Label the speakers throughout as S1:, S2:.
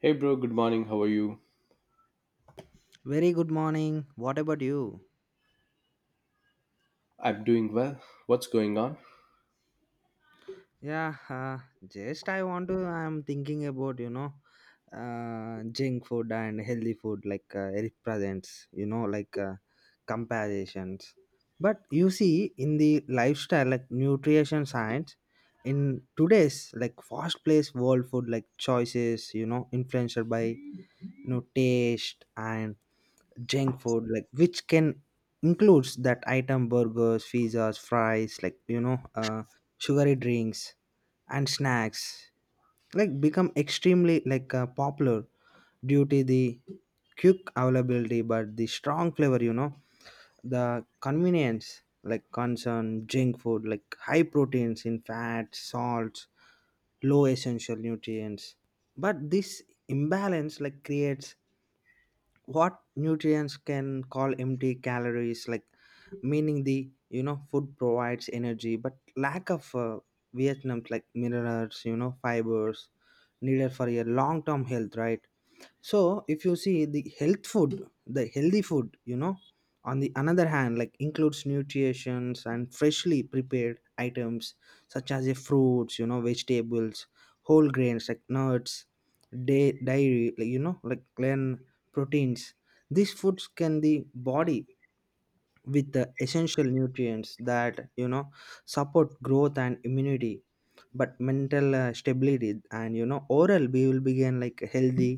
S1: Hey bro, good morning. How are you?
S2: Very good morning. What about you?
S1: I'm doing well. What's going on?
S2: Yeah, just I want to. I'm thinking about junk food and healthy food like it presents like comparisons. But you see, in the lifestyle like nutrition science, in today's like fast-paced world food like choices, influenced by taste and junk food like which can includes that item burgers pizzas fries like sugary drinks and snacks like become extremely like popular due to the quick availability but the strong flavor the convenience like concern junk food like high proteins in fat, salts low essential nutrients. But this imbalance like creates what nutrients can call empty calories like meaning the food provides energy but lack of vietnam's like minerals fibers needed for your long term health, right? So if you see the health food the healthy food on the another hand like includes nutrients and freshly prepared items such as the fruits vegetables whole grains like nuts day dairy like like then proteins. These foods can the body with the essential nutrients that support growth and immunity but mental stability and oral we will begin like healthy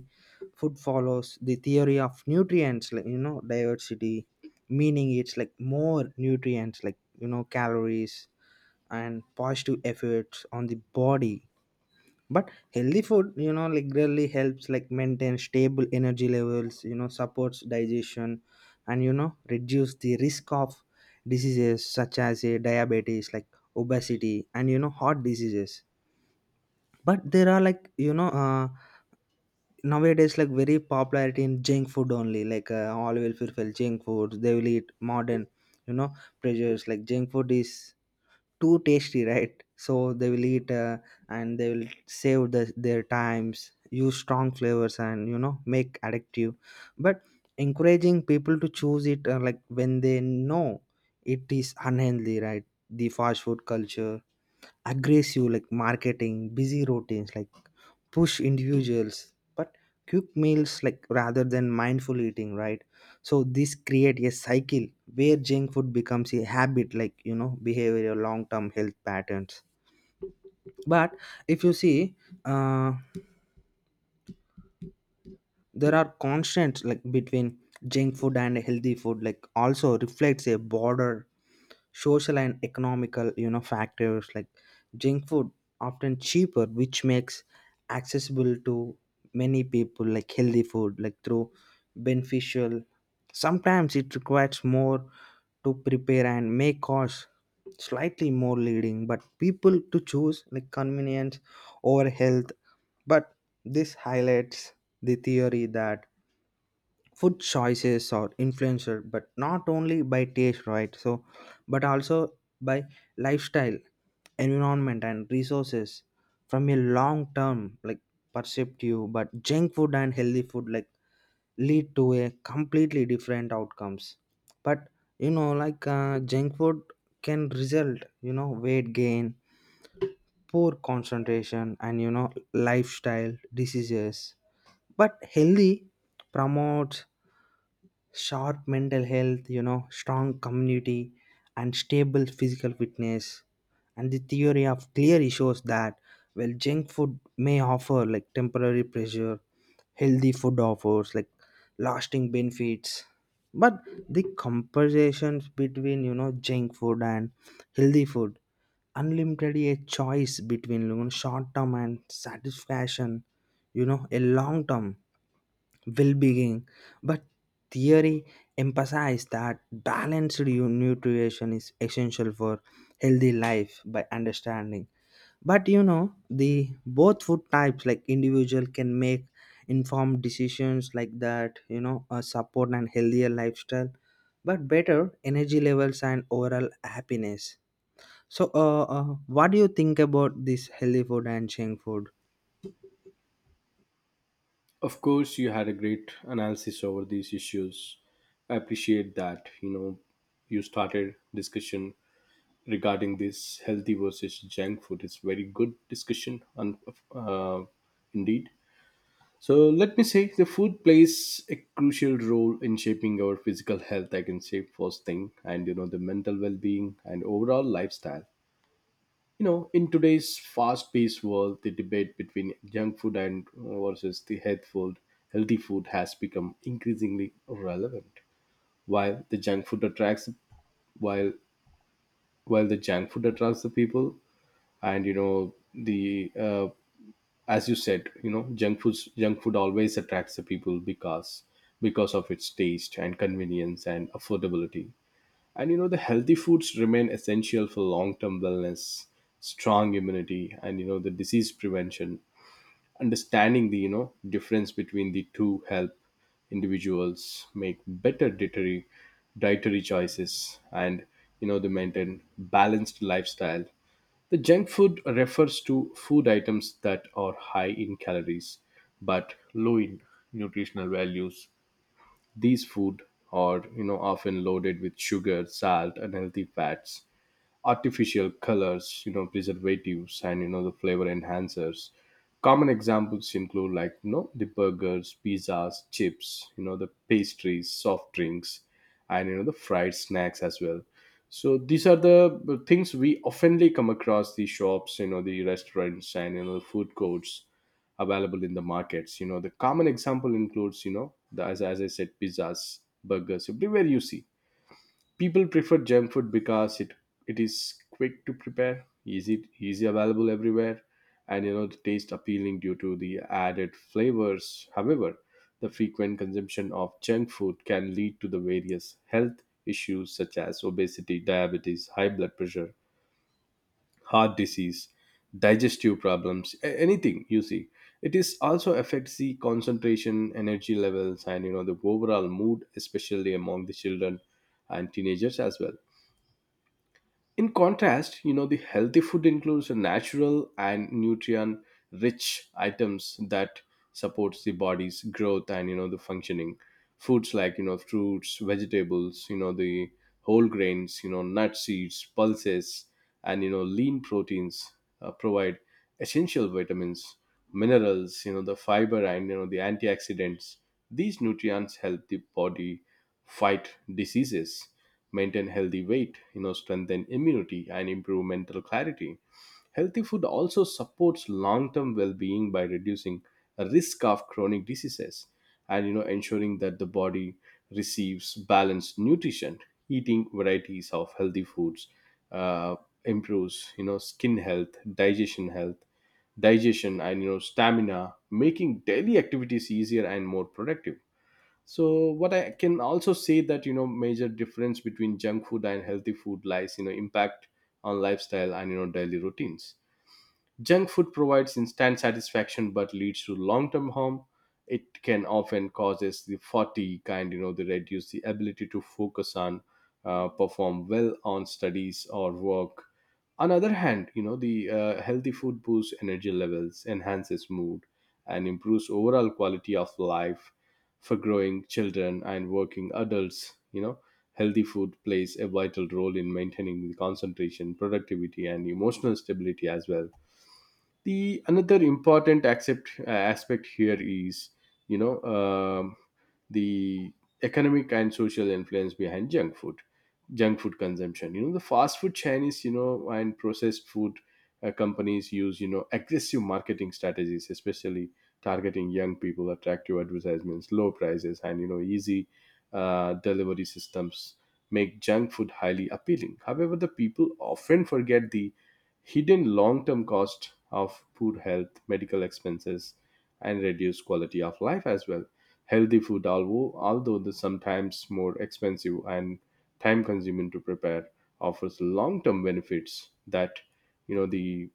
S2: food follows the theory of nutrients like diversity meaning it's like more nutrients like calories and positive effects on the body. But healthy food like really helps like maintain stable energy levels supports digestion and reduce the risk of diseases such as a diabetes like obesity and heart diseases. But there are like nowadays like very popularity in junk food only like all will fulfill junk foods they will eat modern you know pressures like junk food is too tasty, right? So they will eat and they will save the, their times use strong flavors and make addictive but encouraging people to choose it like when they know it is unhealthy, right? The fast food culture aggressive like marketing busy routines like push individuals but quick meals like rather than mindful eating, right? So this create a cycle where junk food becomes a habit like behavioral long term health patterns. But if you see uh, there are constants like between junk food and healthy food like also reflects a border social and economical factors like junk food often cheaper which makes accessible to many people like healthy food like through beneficial sometimes it requires more to prepare and may cost slightly more leading but people to choose like convenience over health. But this highlights the theory that food choices are influenced but not only by taste, right? So but also by lifestyle environment and resources from a long term like perspective but junk food and healthy food like lead to a completely different outcomes. But like junk food can result weight gain poor concentration and lifestyle diseases but healthy promotes sharp mental health, strong community, and stable physical fitness. And the theory of clearly shows that well, junk food may offer like temporary pressure, healthy food offers like lasting benefits. But the comparisons between junk food and healthy food, unlimited a choice between short term and satisfaction, a long term well being, but theory emphasized that balanced nutrition is essential for healthy life by understanding. But the both food types, like individual, can make informed decisions like that, support and healthier lifestyle, but better energy levels and overall happiness. So, what do you think about this healthy food and junk food?
S1: Of course, you had a great analysis over these issues. I appreciate that. You know, you started discussion regarding this healthy versus junk food. It's very good discussion, and uh, indeed. So let me say the food plays a crucial role in shaping our physical health. I can say first thing, and you know the mental well-being and overall lifestyle. You know, in today's fast-paced world, the debate between junk food and versus the healthy food has become increasingly relevant. while the junk food attracts while while the junk food attracts the people, and you know the as you said, you know, junk food always attracts the people because of its taste and convenience and affordability. And you know, the healthy foods remain essential for long term wellness, strong immunity, and you know, the disease prevention. Understanding the, you know, difference between the two help individuals make better dietary choices, and you know they maintain balanced lifestyle. The junk food refers to food items that are high in calories but low in nutritional values. These food are, you know, often loaded with sugar, salt, and healthy fats, artificial colors, you know, preservatives, and you know the flavor enhancers. Common examples include, like, you know, the burgers, pizzas, chips, you know, the pastries, soft drinks, and you know the fried snacks as well. So these are the things we oftenly come across, the shops, you know, the restaurants, and you know the food courts available in the markets. You know, the common example includes, you know as, I said, pizzas, burgers everywhere you see. People prefer junk food because it is quick to prepare, easy available everywhere, and you know the taste appealing due to the added flavors. However, the frequent consumption of junk food can lead to the various health issues such as obesity, diabetes, high blood pressure, heart disease, digestive problems, anything you see. It is also affects the concentration, energy levels, and you know the overall mood, especially among the children and teenagers as well. In contrast, you know, the healthy food includes a natural and nutrient rich items that supports the body's growth and you know the functioning. Foods like, you know, fruits, vegetables, you know, the whole grains, you know, nut seeds, pulses, and you know lean proteins provide essential vitamins, minerals, you know, the fiber, and you know the antioxidants. These nutrients help the body fight diseases, maintain healthy weight, you know, strengthen immunity and improve mental clarity. Healthy food also supports long-term well-being by reducing a risk of chronic diseases, and you know ensuring that the body receives balanced nutrition. Eating varieties of healthy foods uh, improves, you know, skin health, digestion health, digestion, and you know stamina, making daily activities easier and more productive. So what I can also say that, you know, major difference between junk food and healthy food lies, you know, impact on lifestyle and you know daily routines. Junk food provides instant satisfaction but leads to long-term harm. It can often causes the fatigue kind, you know, they reduce the ability to focus on, perform well on studies or work. On other hand, you know the healthy food boosts energy levels, enhances mood, and improves overall quality of life. For growing children and working adults, you know, healthy food plays a vital role in maintaining the concentration, productivity and emotional stability as well. The another important aspect here is, you know, the economic and social influence behind junk food. Junk food consumption, you know, the fast food chinese, you know, and processed food companies use, you know, aggressive marketing strategies, especially targeting young people, attractive advertisements, low prices, and you know easy delivery systems make junk food highly appealing. However, the people often forget the hidden long-term cost of poor health, medical expenses, and reduced quality of life as well. Healthy food, although the sometimes more expensive and time-consuming to prepare, offers long-term benefits that, you know, the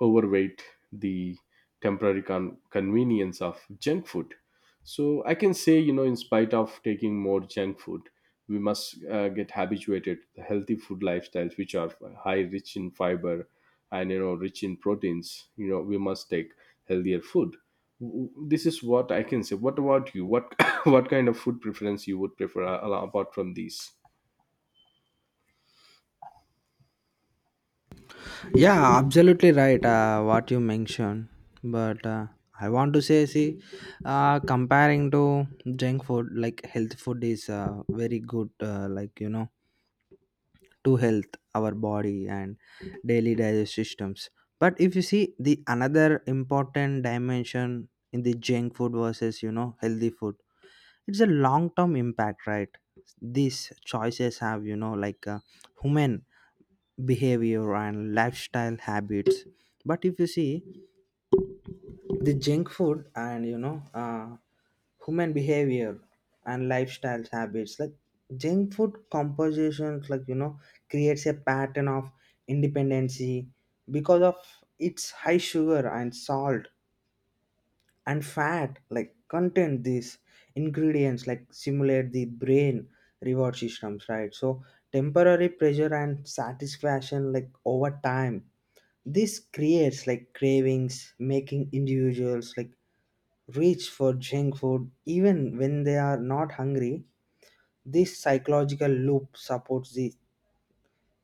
S1: overweight, the temporary convenience of junk food. So I can say, you know, in spite of taking more junk food, we must get habituated to healthy food lifestyles, which are high, rich in fiber, and you know rich in proteins. You know, we must take healthier food. This is what I can say. What about you? What what kind of food preference you would prefer, apart from these?
S2: Yeah, absolutely right. What you mentioned, but I want to say, see, comparing to junk food, like health food is very good, like to health, our body and daily digestive systems. But if you see the another important dimension in the junk food versus healthy food, it's a long term impact, right? These choices have like human behavior and lifestyle habits. But if you see the junk food and human behavior and lifestyle habits like junk food compositions like creates a pattern of independency because of its high sugar and salt and fat like contain these ingredients like simulate the brain reward systems, right? So temporary pressure and satisfaction like over time this creates like cravings making individuals like reach for junk food even when they are not hungry. This psychological loop supports the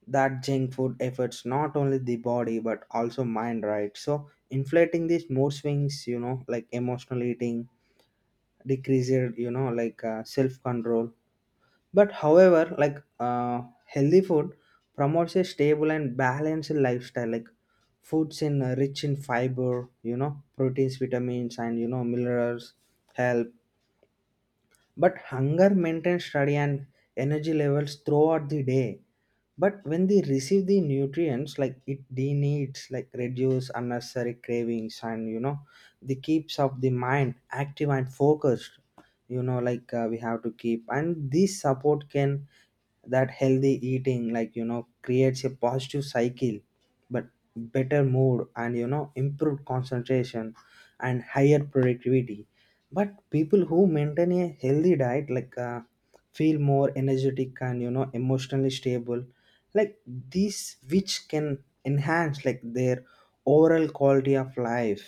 S2: that junk food efforts not only the body but also mind, right? So inflating these mood swings like emotional eating decrease your like self control. But however like healthy food promotes a stable and balanced lifestyle like foods in rich in fiber proteins vitamins and minerals help but hunger maintains study and energy levels throughout the day. But when they receive the nutrients like it they needs like reduce unnecessary cravings and the keeps of the mind active and focused like we have to keep and this support can that healthy eating like creates a positive cycle but better mood and improved concentration and higher productivity. But people who maintain a healthy diet like feel more energetic and emotionally stable like these which can enhance like their overall quality of life,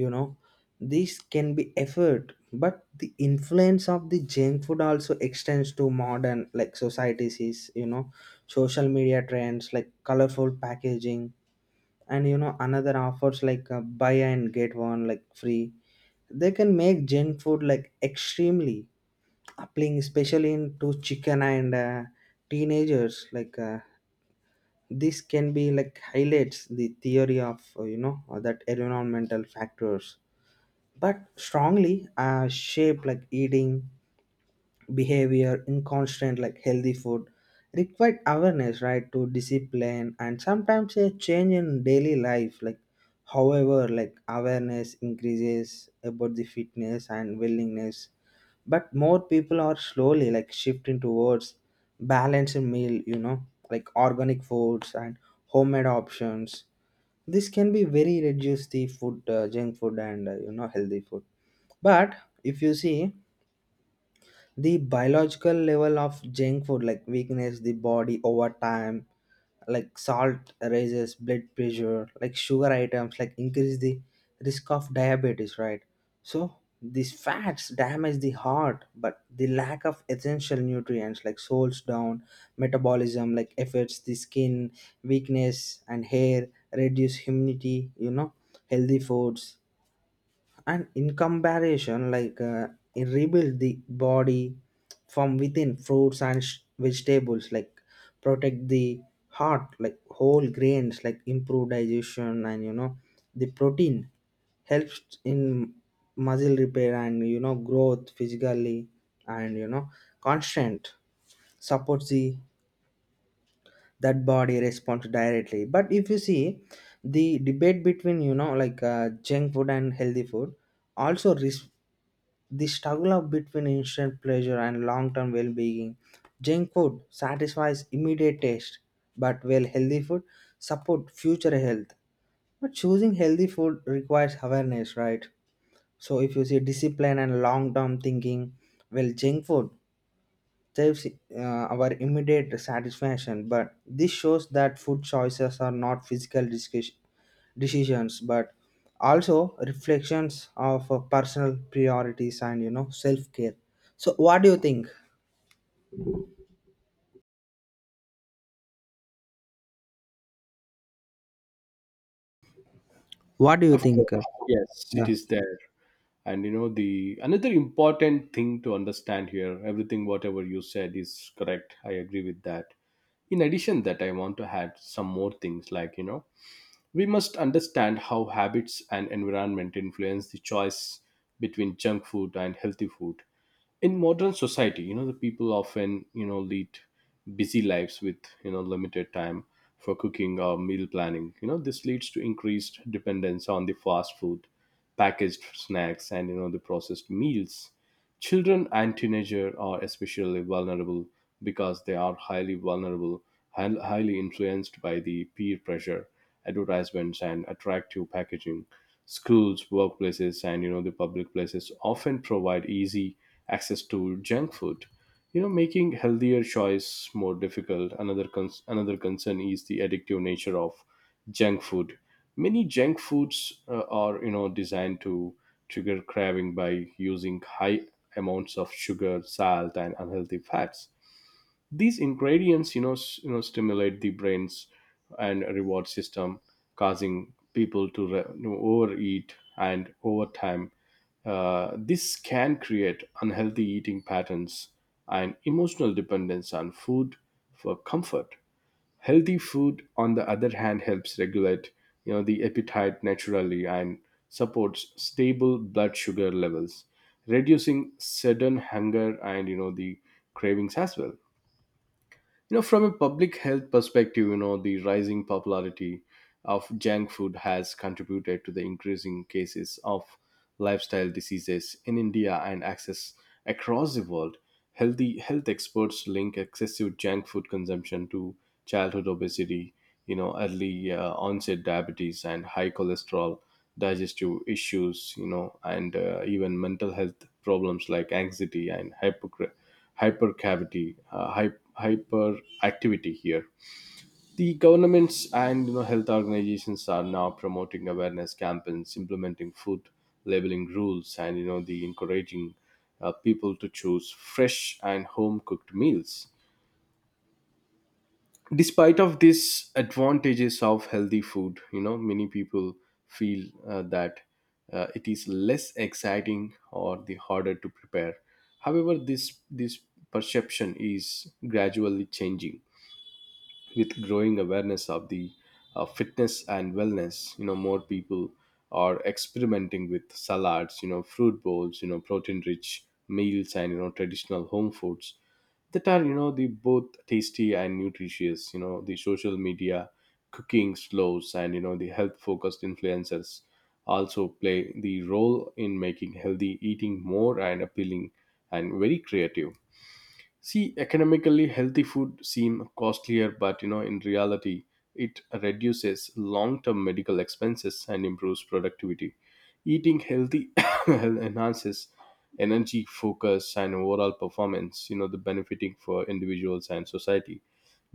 S2: you know these can be effort. But the influence of the junk food also extends to modern like societies is social media trends like colorful packaging and another offers like buy and get one like free they can make junk food like extremely appealing especially in to chicken and teenagers like this can be like highlights the theory of that environmental factors but strongly shape like eating behavior inconstant like healthy food required awareness, right? To discipline and sometimes a change in daily life like however like awareness increases about the fitness and willingness but more people are slowly like shifting towards balanced meal like organic foods and homemade options. This can be very reduce the food junk food and healthy food. But if you see the biological level of junk food like weakness the body over time like salt raises blood pressure like sugar items like increase the risk of diabetes, right? So these fats damage the heart but the lack of essential nutrients like slows down metabolism like affects the skin weakness and hair reduce immunity. Healthy foods and in comparison like it rebuild the body from within fruits and vegetables like protect the heart like whole grains like improve digestion and the protein helps in muscle repair and growth physically and constant supports the that body response directly. But if you see the debate between like junk food and healthy food also the struggle of between instant pleasure and long-term well-being, junk food satisfies immediate taste but well healthy food support future health. But choosing healthy food requires awareness, right? So if you see discipline and long-term thinking, well junk food saves our immediate satisfaction, but this shows that food choices are not physical decisions but also reflections of personal priorities and self-care. So what do you think what do you
S1: Of
S2: think?
S1: course, yes, it is there. And you know the another important thing to understand here, everything whatever you said is correct, I agree with that. In addition that, I want to add some more things, like, you know, we must understand how habits and environment influence the choice between junk food and healthy food. In modern society, you know, the people often, you know, lead busy lives with, you know, limited time for cooking or meal planning. You know, this leads to increased dependence on the fast food, packaged snacks, and you know the processed meals. Children and teenagers are especially vulnerable because they are highly vulnerable and highly influenced by the peer pressure, advertisements, and attractive packaging. Schools, workplaces, and you know the public places often provide easy access to junk food. You know, making healthier choice more difficult. Another concern is the addictive nature of junk food. Many junk foods are, you know, designed to trigger craving by using high amounts of sugar, salt, and unhealthy fats. These ingredients, you know, you know, stimulate the brain's and reward system, causing people to you know, overeat and over time. This can create unhealthy eating patterns and emotional dependence on food for comfort. Healthy food, on the other hand, helps regulate, you know, the appetite naturally and supports stable blood sugar levels, reducing sudden hunger and you know the cravings as well. You know, from a public health perspective, you know, the rising popularity of junk food has contributed to the increasing cases of lifestyle diseases in India and access across the world. Healthy health experts link excessive junk food consumption to childhood obesity, you know, early onset diabetes and high cholesterol, digestive issues, you know, and even mental health problems like anxiety and hyperactivity here. The governments and you know health organizations are now promoting awareness campaigns, implementing food labeling rules, and you know the encouraging people to choose fresh and home cooked meals. Despite of these advantages of healthy food, you know, many people feel that it is less exciting or the harder to prepare. However, this perception is gradually changing with growing awareness of the fitness and wellness. You know, more people are experimenting with salads, you know, fruit bowls, you know, protein rich meals, and you know traditional home foods that are, you know, the both tasty and nutritious. You know, the social media cooking slows and you know the health focused influencers also play the role in making healthy eating more and appealing and very creative. See, economically healthy food seem costlier, but you know, in reality, it reduces long-term medical expenses and improves productivity. Eating healthy enhances energy, focus, and overall performance. You know, the benefiting for individuals and society.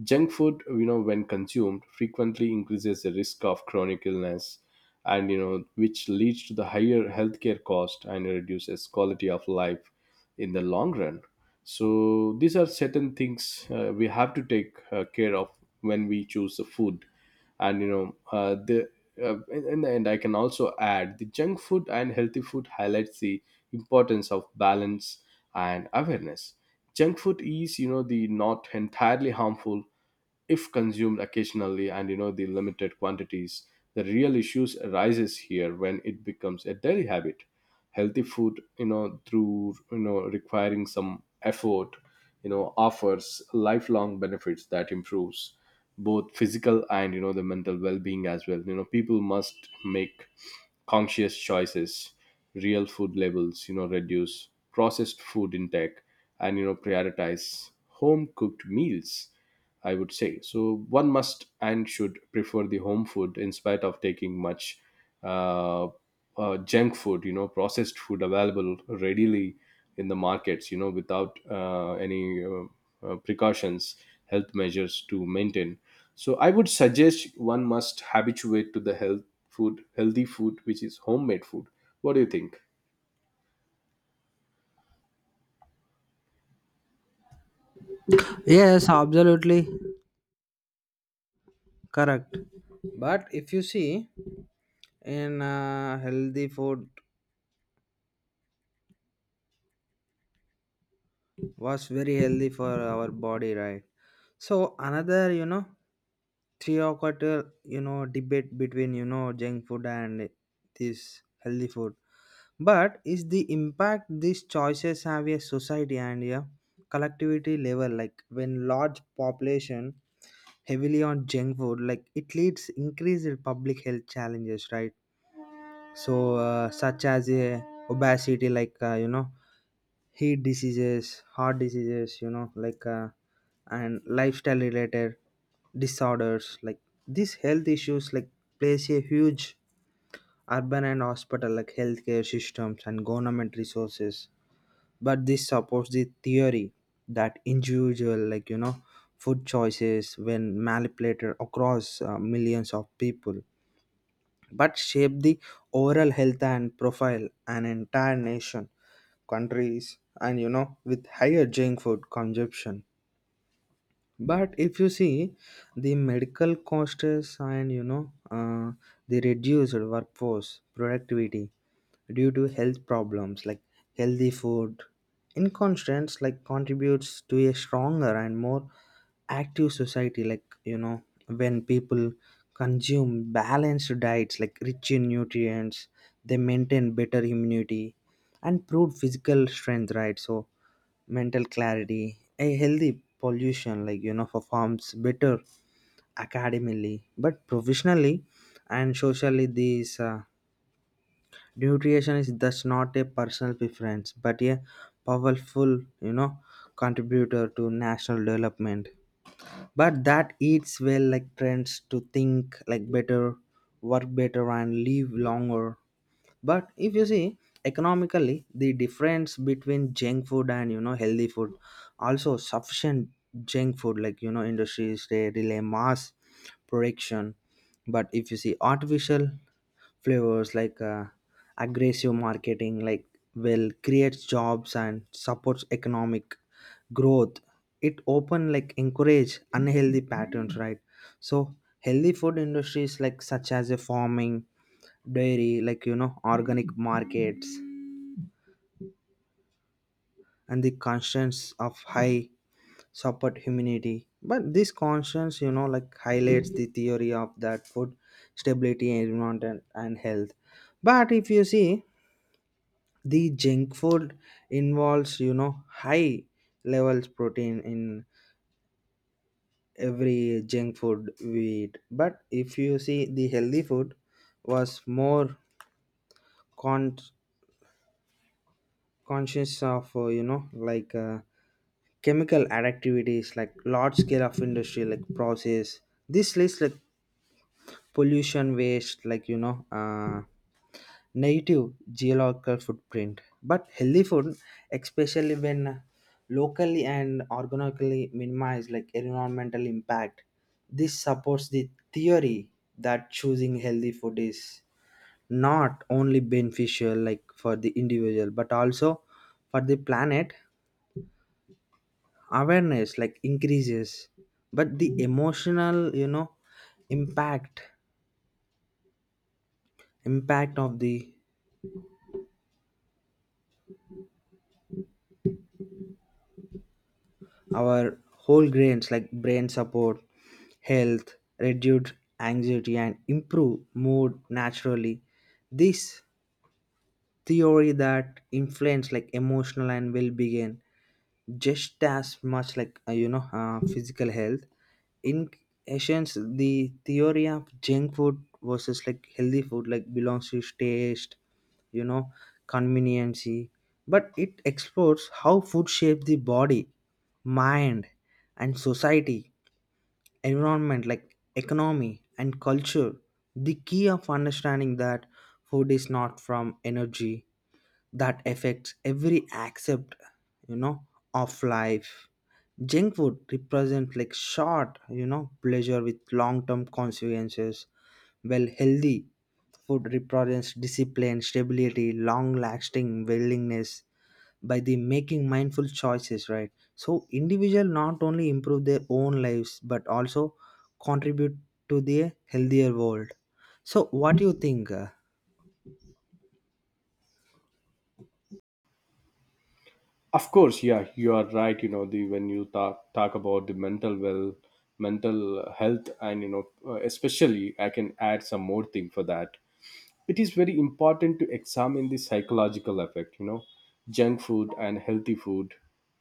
S1: Junk food, you know, when consumed frequently, increases the risk of chronic illness, and you know, which leads to the higher healthcare cost and reduces quality of life in the long run. So these are certain things we have to take care of when we choose the food, and you know, the in the end, I can also add the junk food and healthy food highlights the importance of balance and awareness. Junk food is, you know, the not entirely harmful if consumed occasionally and you know the limited quantities. The real issues arises here when it becomes a daily habit. Healthy food, you know, through, you know, requiring some effort, you know, offers lifelong benefits that improves both physical and you know the mental well-being as well. You know, people must make conscious choices, real food labels, you know, reduce processed food intake, and you know prioritize home cooked meals, I would say. So one must and should prefer the home food in spite of taking much, uh, junk food, you know, processed food available readily in the markets, you know, without any precautions, health measures to maintain. So I would suggest one must habituate to the health food, healthy food, which is homemade food. What do you think?
S2: Yes, absolutely correct. But if you see in healthy food was very healthy for our body, right? So another 3 o'clock debate between junk food and this healthy food but is the impact these choices have a society and a collectivity level like when large population heavily on junk food like it leads increased public health challenges, right? So such as a obesity like heat diseases, heart diseases, like and lifestyle related disorders. Like these health issues, like plays a huge urban and hospital like healthcare systems and government resources. But this supports the theory that individual, like food choices when manipulated across millions of people, but shape the overall health and profile an entire nation countries and with higher junk food consumption. But if you see the medical costs and the reduced workforce productivity due to health problems like healthy food in inconstance like contributes to a stronger and more active society like when people consume balanced diets like rich in nutrients they maintain better immunity and prove physical strength, right? So mental clarity, a healthy pollution, like, performs better academically, but professionally and socially, this nutrition is thus not a personal preference, but a powerful, contributor to national development. But that eats well, like, trends to think like better, work better, and live longer. But if you see economically the difference between junk food and healthy food also sufficient junk food like industries they rely mass production. But if you see artificial flavors like aggressive marketing like will creates jobs and supports economic growth it open like encourage unhealthy patterns, right? So healthy food industries like such as a farming dairy like organic markets and the constants of high support humidity but this constants like highlights the theory of that food stability environment and health. But if you see the junk food involves high levels protein in every junk food we eat. But if you see the healthy food was more con- conscious of like chemical activities like large scale of industry like process this leads like pollution waste like native geological footprint but healthy food especially when locally and organically minimize like environmental impact. This supports the theory that choosing healthy food is not only beneficial like for the individual but also for the planet awareness like increases but the emotional impact impact of the our whole grains like brain support health reduce anxiety and improve mood naturally. This theory that influence like emotional and well-being just as much like physical health. In essence the theory of junk food versus like healthy food like belongs to taste you know conveniency but it explores how food shapes the body mind and society environment like economy and culture the key of understanding that food is not from energy that affects every aspect you know of life. Junk food represents like short pleasure with long term consequences well healthy food represents discipline stability long lasting willingness by the making mindful choices, right? So individual not only improve their own lives but also contribute to the healthier world. So what do you think,
S1: Of course, yeah, you are right. You know, the when you talk about the mental well, mental health, and especially I can add some more thing for that. It is very important to examine the psychological effect, you know, junk food and healthy food.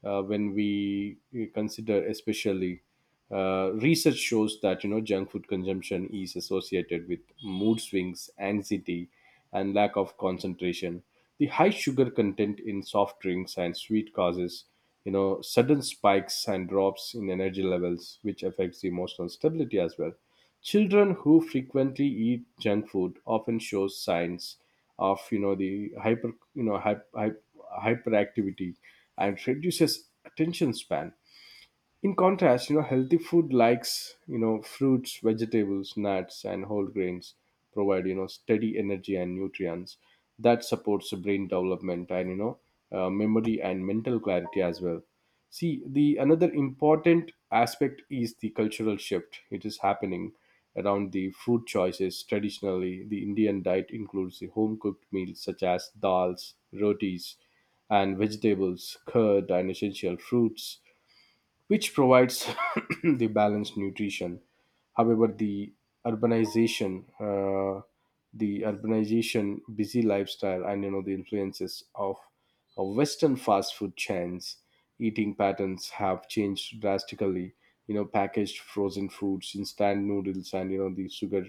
S1: When we consider, especially, research shows that, you know, junk food consumption is associated with mood swings, anxiety, and lack of concentration. The high sugar content in soft drinks and sweet causes, you know, sudden spikes and drops in energy levels, which affects the emotional stability as well. Children who frequently eat junk food often show signs of, you know the hyper you know hyp hyp hyperactivity and reduces attention span. In contrast, you know, healthy food likes, you know, fruits, vegetables, nuts, and whole grains provide, you know, steady energy and nutrients that supports the brain development and, memory and mental clarity as well. See, the another important aspect is the cultural shift. It is happening around the food choices. Traditionally, the Indian diet includes the home cooked meals such as dals, rotis, and vegetables, curd, and essential fruits, which provides the balanced nutrition. However, the urbanization, the urbanization, busy lifestyle, and you know the influences of Western fast food chains, eating patterns have changed drastically. You know, packaged frozen foods, instant noodles, and you know the sugar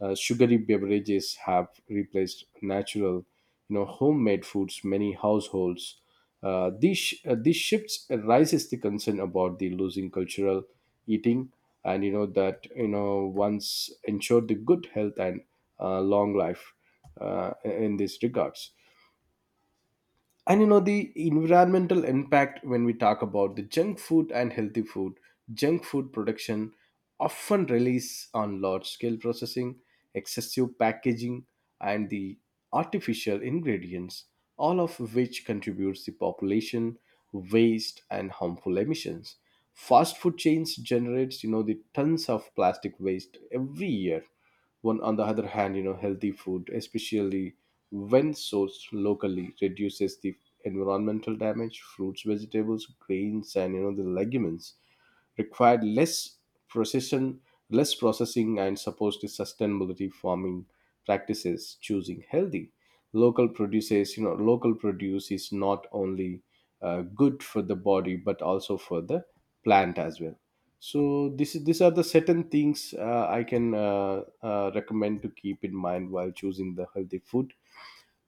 S1: uh, sugary beverages have replaced natural, you know, homemade foods many households. These shifts raises the concern about the losing cultural eating, and you know that, you know, once ensured the good health and long life in these regards. And you know, the environmental impact when we talk about the junk food and healthy food, junk food production often relies on large scale processing, excessive packaging, and the artificial ingredients, all of which contributes to population, waste, and harmful emissions. Fast food chains generates, you know, the tons of plastic waste every year. One, on the other hand, you know, healthy food, especially when sourced locally, reduces the environmental damage. Fruits, vegetables, grains, and you know the legumes required less precision, less processing, and supposed sustainability farming practices. Choosing healthy local produces, you know, local produce is not only good for the body but also for the plant as well. So this is these are the certain things I can recommend to keep in mind while choosing the healthy food.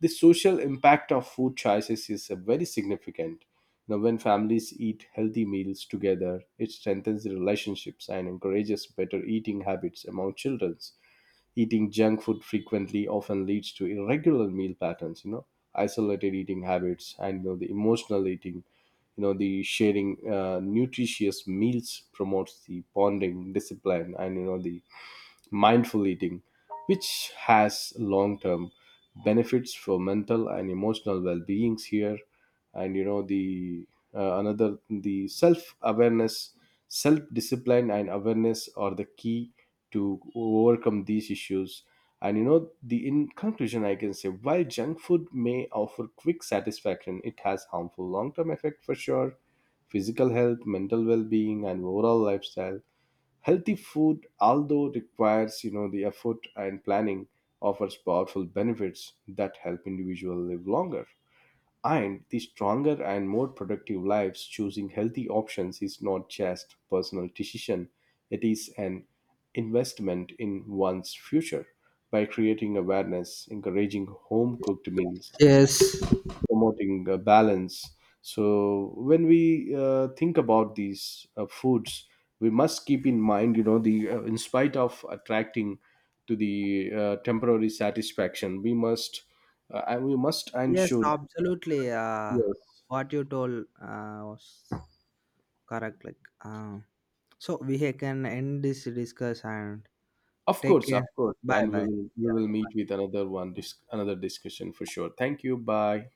S1: The social impact of food choices is very significant. You know, when families eat healthy meals together, it strengthens the relationships and encourages better eating habits among children. Eating junk food frequently often leads to irregular meal patterns, you know, isolated eating habits, and you know, the emotional eating. You know, the sharing nutritious meals promotes the bonding, discipline, and you know the mindful eating, which has long term benefits for mental and emotional well beings here. And you know, the another, the self awareness, self discipline, and awareness are the key to overcome these issues. And you know, the in conclusion, I can say while junk food may offer quick satisfaction, it has harmful long term effect for sure. Physical health, mental well being, and overall lifestyle. Healthy food, although requires you know the effort and planning, offers powerful benefits that help individuals live longer and the stronger and more productive lives. Choosing healthy options is not just personal decision; it is an investment in one's future. By creating awareness, encouraging home cooked meals,
S2: Yes,
S1: promoting balance. So when we think about these foods, we must keep in mind, you know, the in spite of attracting to the temporary satisfaction, we must and we must and
S2: Yes,
S1: should.
S2: absolutely. Uh,
S1: Yes,
S2: what you told was correct. Like, uh, so we can end this discuss and take
S1: of
S2: care.
S1: course,
S2: Bye
S1: and we
S2: bye.
S1: will we will meet with another one, another discussion for sure. Thank you. Bye.